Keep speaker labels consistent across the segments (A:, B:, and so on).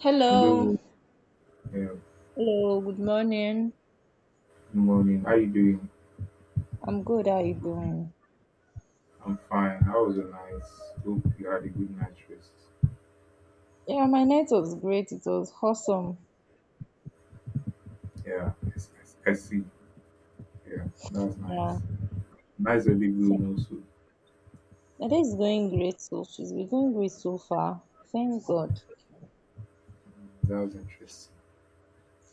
A: Hello.
B: Hello, yeah, good
A: Hello, good morning.
B: morning. How you doing?
A: I'm good. How are you doing?
B: I'm fine. How was your night? Hope you had a good night's rest.
A: Yeah, my night was great. It was awesome.
B: Yeah, yes, yes, I see. Yeah, that was
A: Yeah.
B: nice. Nice early
A: So,
B: going also.
A: my day is going great, so she's been going great so far. Thank God.
B: That was interesting.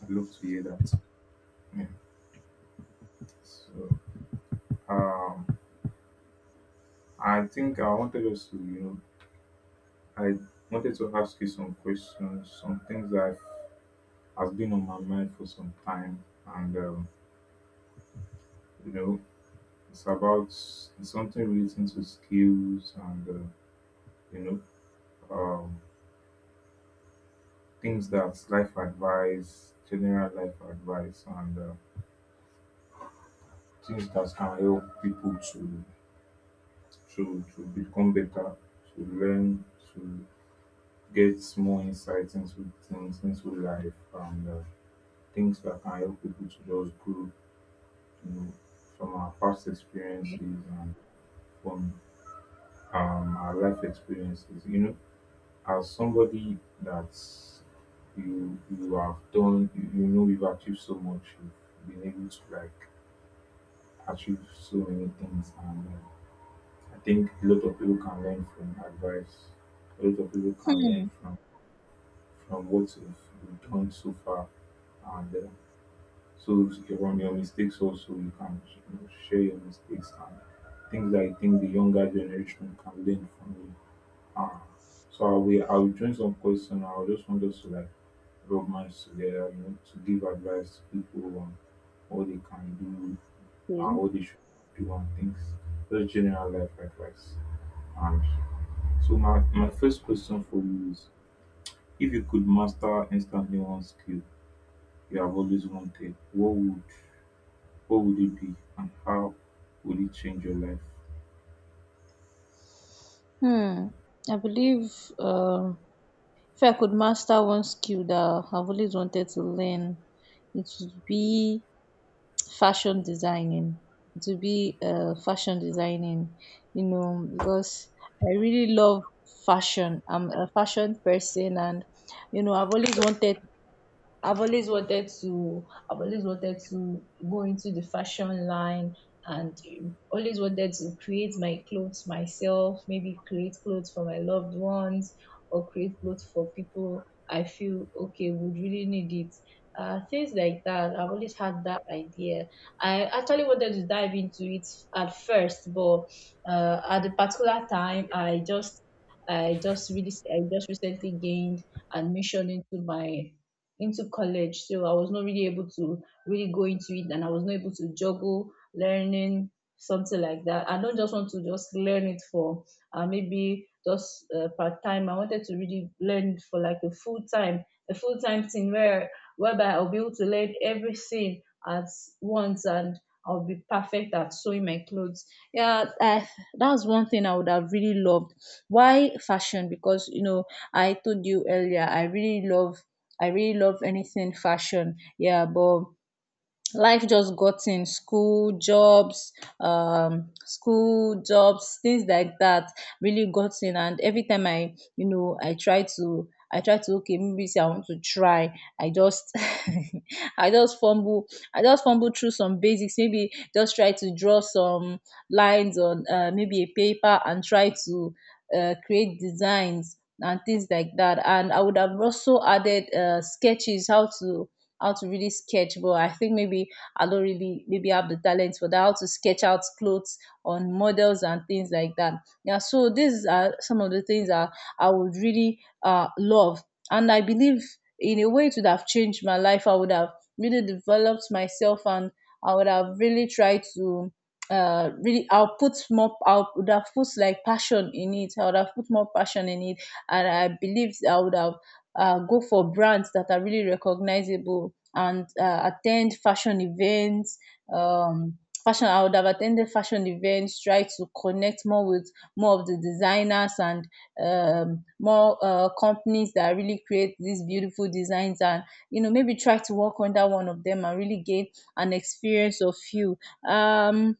B: I'd love to hear that. Yeah. So, um, I think I wanted us to, I wanted to ask you some questions, some things that has been on my mind for some time, and you know, it's about it's something relating to skills and, you know, things that life advice, general life advice, and things that can help people to become better, to learn, to get more insights into things, into life, and things that can help people to just grow, you know, from our past experiences and from our life experiences, you know, as somebody that you have you know, you've achieved so much, you've been able to like achieve so many things, and I think a lot of people can learn from advice, a lot of people can
A: Hmm.
B: learn from what you've done so far, and so from your mistakes also, you can, you know, share your mistakes and things that I think the younger generation can learn from you. Um, so I will join some question. I will just want us to like rub minds together, you know, to give advice to people on what they can do and
A: Okay.
B: what they should do on things. Just general life advice. And so my first question for you is, if you could master instantly one skill you have always wanted, what would it be and how would it change your life?
A: Hmm. I believe um if I could master one skill that I've always wanted to learn, it would be fashion designing, to be fashion designing, you know, because I really love fashion. I'm a fashion person, and you know, I've always wanted I've always wanted to I've always wanted to go into the fashion line, and always wanted to create my clothes myself, maybe create clothes for my loved ones, or create clothes for people I feel okay would really need it. Things like that. I've always had that idea. I actually wanted to dive into it at first, but at a particular time, I just, I just really I just recently gained admission into my into college, so I was not really able to really go into it, and I was not able to juggle learning something like that. I don't just want to just learn it for maybe just part time. I wanted to really learn for like a full time, a full time thing where, whereby I'll be able to learn everything at once, and I'll be perfect at sewing my clothes. Yeah, that's one thing I would have really loved. Why fashion? Because you know, I told you earlier, I really love anything fashion. Yeah, but life just got in. School, jobs, school, jobs, things like that really got in, and every time I try to, okay, maybe say I want to try, I just i just fumble I just fumble through some basics, maybe just try to draw some lines on, maybe a paper, and try to create designs and things like that. And I would have also added, sketches, how to, how to really sketch. But I think maybe I don't really maybe have the talent for that, how to sketch out clothes on models and things like that. Yeah, so these are some of the things that I would really love. And I believe in a way it would have changed my life. I would have really developed myself, and I would have really tried to really, I would have put like passion in it, I would have put more passion in it, and I believe I would have, go for brands that are really recognizable and attend fashion events. Um, Fashion, I would have attended fashion events, try to connect more with more of the designers, and more companies that really create these beautiful designs, and you know, maybe try to work under one of them and really gain an experience of you. um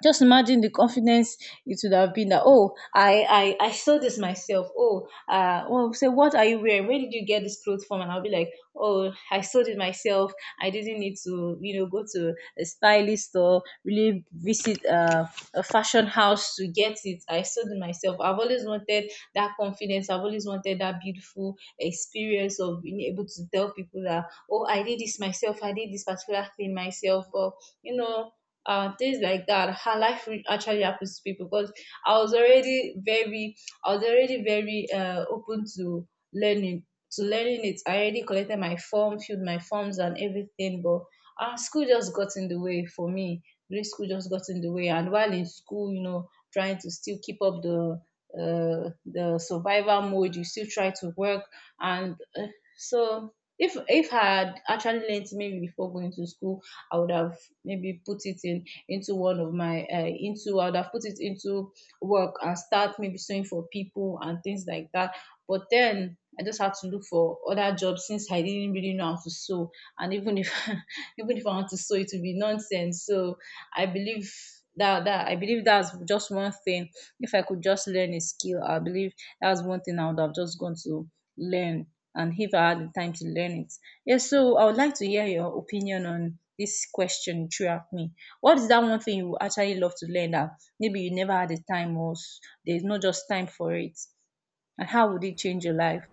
A: just imagine the confidence it would have been, that oh, I saw this myself. Oh, well, say, what are you wearing, where did you get this clothes from, and I'll be like, oh, I sold it myself. I didn't need to, you know, go to a stylist, or really visit a fashion house to get it. I sold it myself. I've always wanted that confidence. I've always wanted that beautiful experience of being able to tell people that oh, I did this myself, I did this particular thing myself, or you know, things like that. Her life re- actually happens to people because I was already very, I was already very open learning, to learning it. I already collected my form, filled my forms and everything, but school just got in the way for me. Grade school just got in the way, and while in school, you know, trying to still keep up the, the survival mode, you still try to work, and so if I had actually learned maybe before going to school, I would have maybe put it in into one of my, into I would have put it into work and start maybe sewing for people and things like that. But then I just had to look for other jobs since I didn't really know how to sew. And even if even if I want to sew, it will be nonsense. So I believe that's just one thing. If I could just learn a skill, I believe that's one thing I would have just gone to learn. And if I had the time to learn it, yes. So I would like to hear your opinion on this question you threw at me. What is that one thing you would actually love to learn that maybe you never had the time, or s- there's not just time for it? And how would it change your life?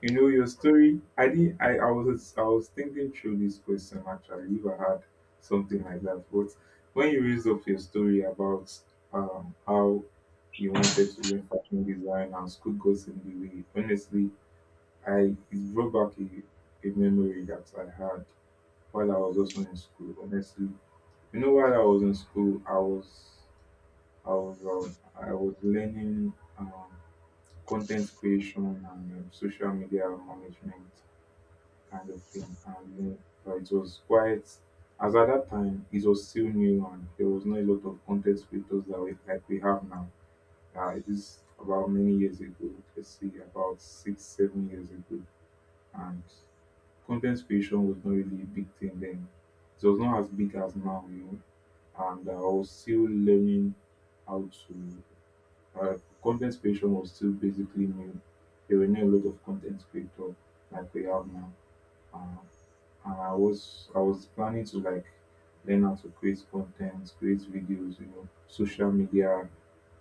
B: You know your story. I did. I was. I was thinking through this question actually. If I had something like that. But when you raised up your story about how you wanted to learn fashion design and school goes in the way, honestly, I it brought back a memory that I had while I was also in school. Honestly, you know, while I was in school, I was um, I was learning content creation and social media management kind of thing. And but it was quite, as at that time, it was still new and there was not a lot of content creators that we, like we have now. It is about many years ago, let's see, about 6, 7 years ago. And content creation was not really a big thing then. It was not as big as now, you know. And I was still learning how to, content creation was still basically new. There were not a lot of content creators like we have now. Uh, and I was planning to like learn how to create content, create videos, you know, social media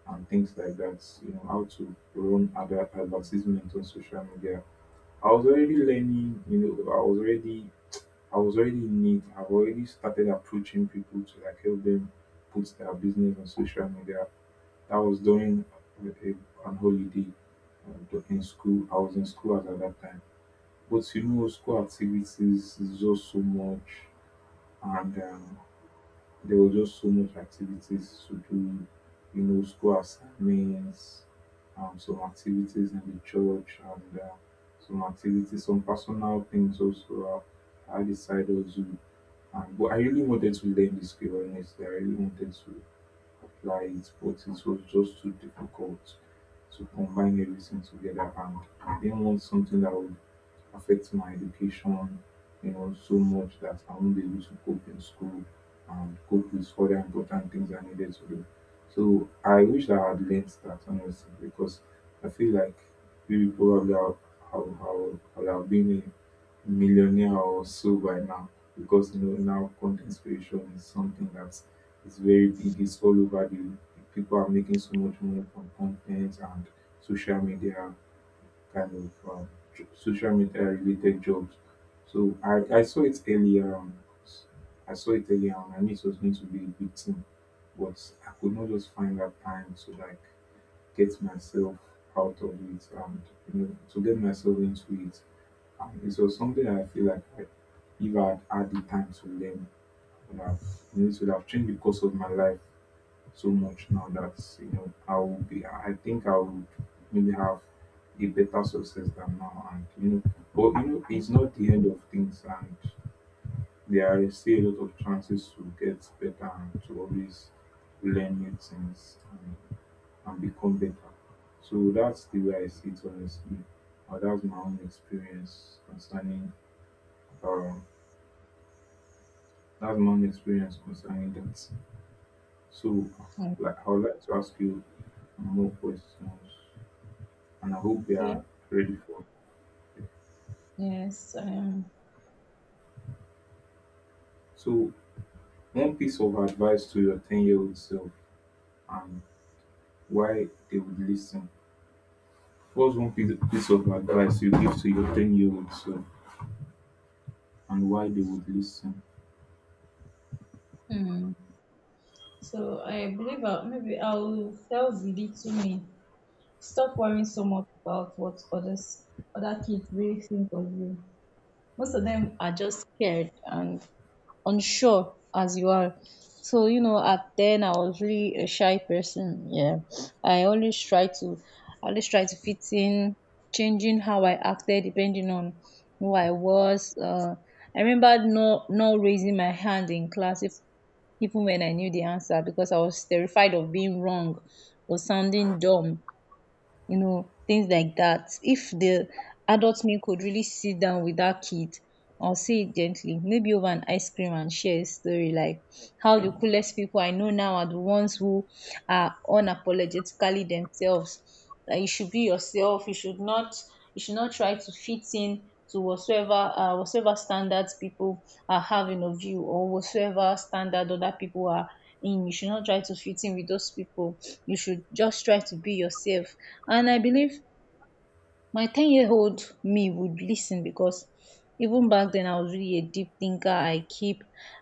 B: and things like that. You know, how to run advertisement on social media. I was already learning, you know, I was already in it. I've already started approaching people to like help them put their business on social media. That was during an holiday in school. I was in school at that time. But you know, school activities is just so much, and there was just so much activities to do, you know, school assignments, some activities in the church, and some activities, some personal things also. Uh, I decided to, but I really wanted to learn the skill, honestly. I really wanted to apply it, but it was just too difficult to combine everything together, and I didn't want something that would affect my education, you know, so much that I won't be able to cope in school and cope with other important things I needed to do. So I wish I had learned that, honestly, because I feel like maybe probably I'll, I'll, I'll have been a millionaire or so by now, because you know now content creation is something that is very big. It's all over the people are making so much money from content and social media kind of social media related jobs. So I saw it earlier on. I saw it earlier on. I knew it was going to be a big thing, but I could not just find that time to like get myself out of it and you know to get myself into it. And it was something that I feel like if I had had the time to learn, would have, you know, it would have changed the course of my life so much now that you know I will be I think I would maybe have a better success than now, and you know but you know it's not the end of things, and there are still a lot of chances to get better and to always learn new things, and become better. So that's the way I see it honestly. Uh, that's my own experience concerning um that's my own experience concerning that. So
A: Hmm.
B: like I would like to ask you more questions, and I hope you are
A: Okay.
B: ready for it.
A: Yes.
B: So, one piece of advice to your 10-year-old self, and why they would listen. What's one piece of advice you give to your 10-year-old self, and why they would listen?
A: Hmm. So I believe I'll, maybe I'll tell the little me, stop worrying so much about what others, other kids really think of you. Most of them are just scared and unsure as you are. So you know, at then I was really a shy person. Yeah, I always try to, I always try to fit in, changing how I acted depending on who I was. I remember not raising my hand in class if, even when I knew the answer, because I was terrified of being wrong or sounding dumb, you know, things like that. If the adult me could really sit down with that kid, or say it gently, maybe over an ice cream, and share a story, like how the coolest people I know now are the ones who are unapologetically themselves. That you should be yourself, you should not try to fit in to whatsoever, whatsoever standards people are having of you, or whatsoever standard other people are in. You should not try to fit in with those people. You should just try to be yourself. And I believe my 10-year old me would listen, because even back then I was really a deep thinker.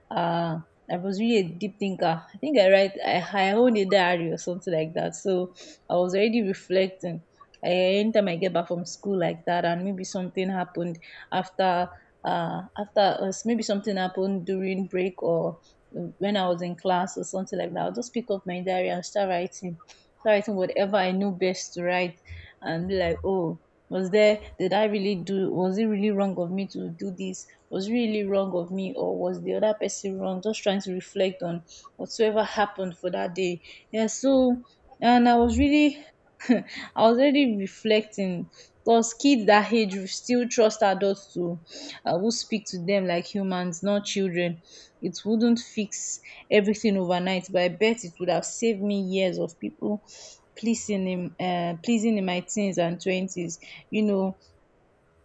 A: uh, I was really a deep thinker. I think I write, I own a diary or something like that. So I was already reflecting. Eh, anytime I get back from school like that, and maybe something happened after, after us maybe something happened during break, or when I was in class or something like that, I'll just pick up my diary and start writing. Start writing whatever I know best to write, and be like, oh, was there, did I really do, was it really wrong of me to do this, was it really wrong of me, or was the other person wrong, just trying to reflect on whatsoever happened for that day. Yeah, so, and I was really, I was already reflecting, because kids that age will still trust adults to, who speak to them like humans, not children. It wouldn't fix everything overnight, but I bet it would have saved me years of people pleasing him, pleasing in my teens and twenties. You know,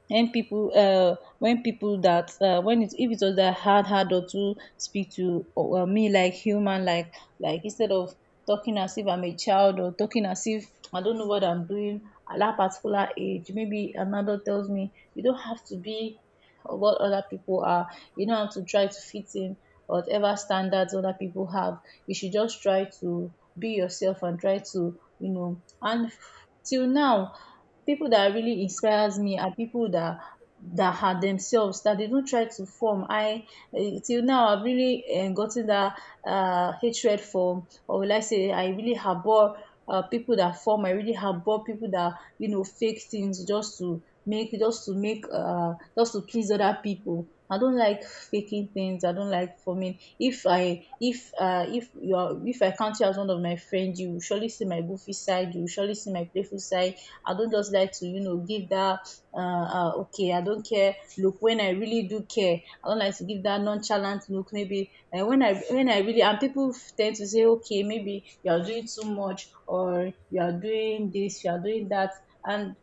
A: when people, when people that when it if it was that hard, or to speak to, or me like human, like, instead of talking as if I'm a child, or talking as if I don't know what I'm doing at that particular age, maybe another tells me, you don't have to be what other people are, you don't have to try to fit in whatever standards other people have, you should just try to be yourself, and try to, you know, and till now people that really inspires me are people that, that are themselves, that they don't try to form. Till now I've really gotten that hatred for, or will I say I really harbor, people that form I really harbor people that, you know, fake things just to make, just to please other people. I don't like faking things. I don't like forming. If if you are, if I count you as one of my friends, you will surely see my goofy side, you will surely see my playful side. I don't just like to, you know, give that okay, I don't care look, when I really do care. I don't like to give that nonchalant look, maybe when I really. And people tend to say, okay, maybe you are doing too much, or you are doing this, you are doing that. And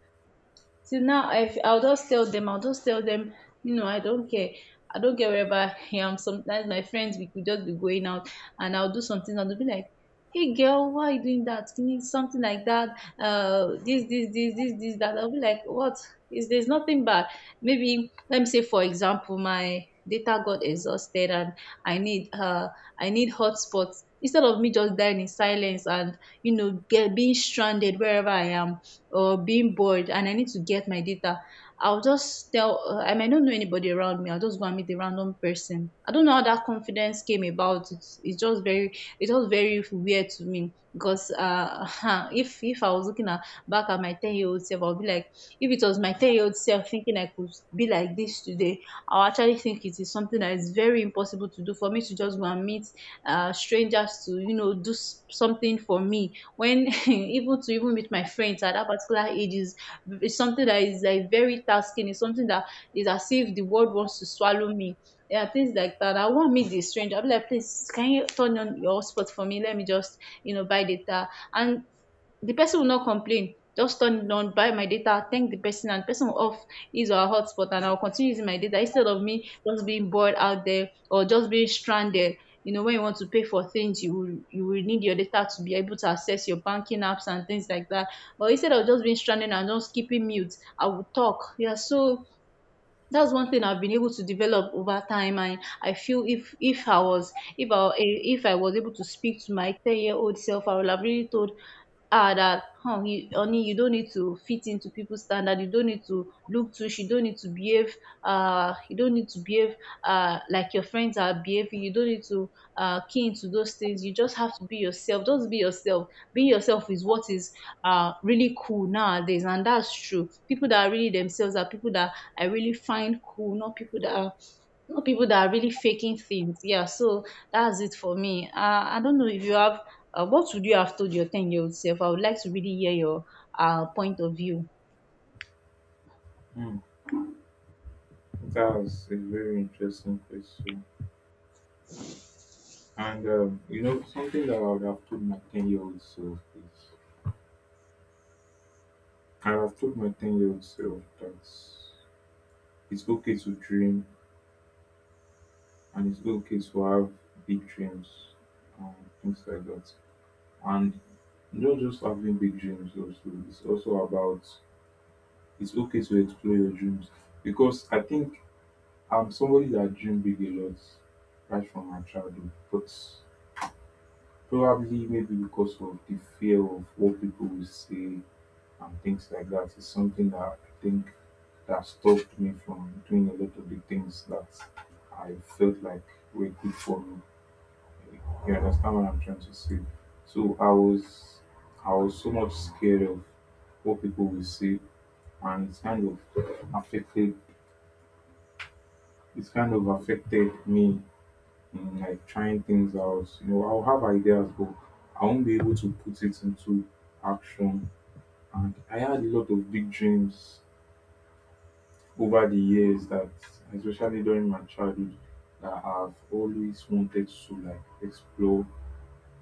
A: till now I'll just tell them, you know, I don't care. I don't care. Wherever I am, sometimes my friends, we could just be going out, and I'll do something, and they'll be like, hey, girl, why are you doing that? Can you, something like that, this this this this this that I'll be like, what is, there's nothing bad. Maybe let me say, for example, my data got exhausted, and I need, hotspots. Instead of me just dying in silence, and you know, get being stranded wherever I am, or being bored, and I need to get my data, I'll just tell, I might not know anybody around me. I'll just go and meet a random person. I don't know how that confidence came about. It's just very, it was very weird to me because if I was looking at, back at my 10-year-old self, I'll be like, if it was my 10-year-old self thinking I could be like this today, I'll actually think it is something that is very impossible to do, for me to just go and meet strangers to, you know, do s- something for me, when even to even meet my friends at that particular age is something that is like very tasking. It's something that is as if the world wants to swallow me. Yeah, things like that. I won't meet the stranger. I'll be like, please, can you turn on your hotspot for me? Let me just, you know, buy data. And the person will not complain, just turn it on, buy my data, thank the person, and the person will off his or her hotspot, and I'll continue using my data, instead of me just being bored out there, or just being stranded. You know, when you want to pay for things, you will need your data to be able to access your banking apps and things like that. But instead of just being stranded and just keeping mute, I will talk. Yeah, so that's one thing I've been able to develop over time. I feel, if I was able to speak to my 10-year old self, I would have really told her that, huh, you, honey, you don't need to fit into people's standard. You don't need to look too. You don't need to behave like your friends are behaving. You don't need to, keen to those things. You just have to be yourself. Just be yourself. Being yourself is what is, really cool nowadays, and that's true. People that are really themselves are people that I really find cool, not people that are, not people that are really faking things. Yeah, so that's it for me. I don't know if you have. What would you have told your ten-year-old self? I would like to really hear your, point of view.
B: Hmm, that's a very interesting question. And, you know, something that I would have told my 10-year-old self is I would have told my 10-year-old self that it's okay to dream, and it's okay to have big dreams and things like that. And not just having big dreams also. It's also about it's okay to explore your dreams. Because I think I'm somebody that dream big a lot right from my childhood. But probably maybe because of the fear of what people will say and things like that is something that I think that stopped me from doing a lot of the things that I felt like were good for me. You understand what I'm trying to say? So I was so much scared of what people will say, and it's kind of affected it's kind of affected me in like trying things out. You know, I'll have ideas but I won't be able to put it into action. And I had a lot of big dreams over the years that especially during my childhood that I've always wanted to like explore.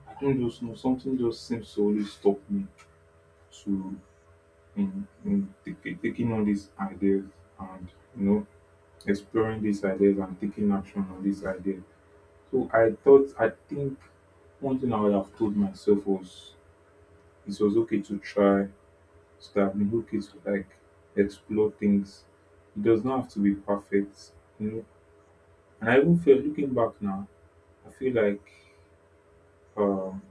B: I don't just know. Something just seems to always stop me to taking on these ideas and you know exploring these ideas and taking action on these ideas. So I think one thing I would have told myself was it was okay to try, so that I've been okay to like explore things. It does not have to be perfect, you know. And I even feel looking back now, I feel like um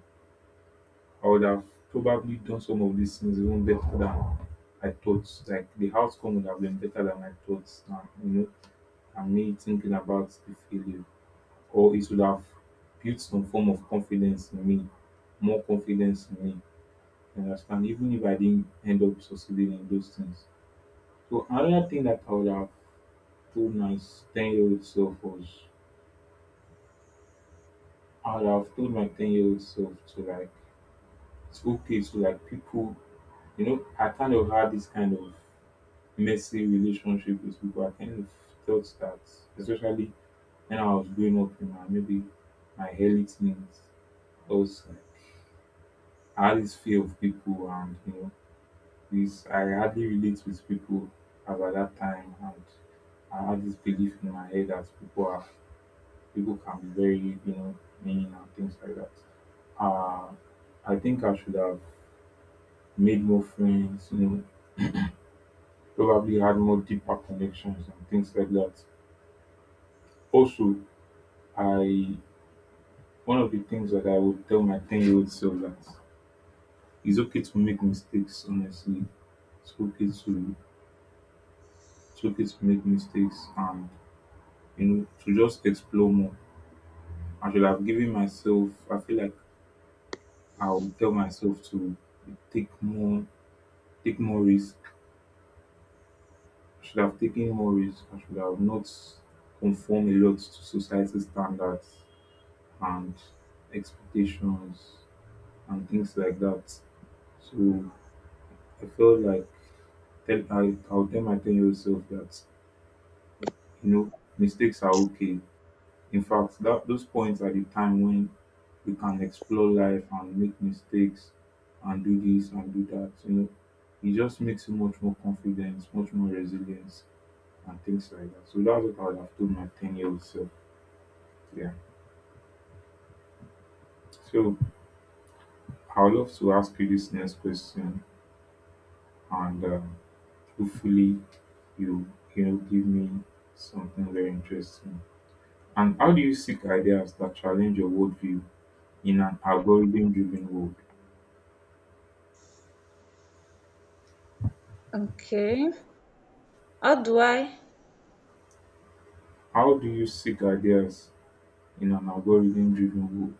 B: I would have probably done some of these things even better than I thought. Like the outcome would have been better than I thought. And, you know, and me thinking about the failure, or it would have built some form of confidence in me, more confidence in me. You understand? Even if I didn't end up succeeding in those things. So another thing that I would have told my ten-year-old self was, I would have told my ten-year-old self to like, it's okay to like people. You know, I kind of had this kind of messy relationship with people. I kind of felt that, especially when I was growing up in my maybe my early teens, I was like I had this fear of people, and you know, this I hardly relate with people about that time, and I had this belief in my head that people can be very you know mean and things like that. Uh, I think I should have made more friends, you know, probably had more deeper connections and things like that. Also, I one of the things that I would tell my 10-year-old self that it's okay to make mistakes, honestly. It's okay to it's okay to make mistakes and you know to just explore more. I should have given myself I feel like I would tell myself to take more take more risk. I should have taken more risk. I should have not conform a lot to society standards and expectations and things like that. So I felt like I'll tell my 10-year self that, you know, mistakes are okay. In fact, that those points are the time when we can explore life and make mistakes and do this and do that. You know, it just makes you much more confidence, much more resilience, and things like that. So that's what I would have told my 10-year-old self. Yeah. So I would love to ask you this next question, and hopefully, you know, give me something very interesting. And how do you seek ideas that challenge your worldview in an algorithm driven world?
A: Okay. How do I
B: How do you seek ideas in an algorithm driven world?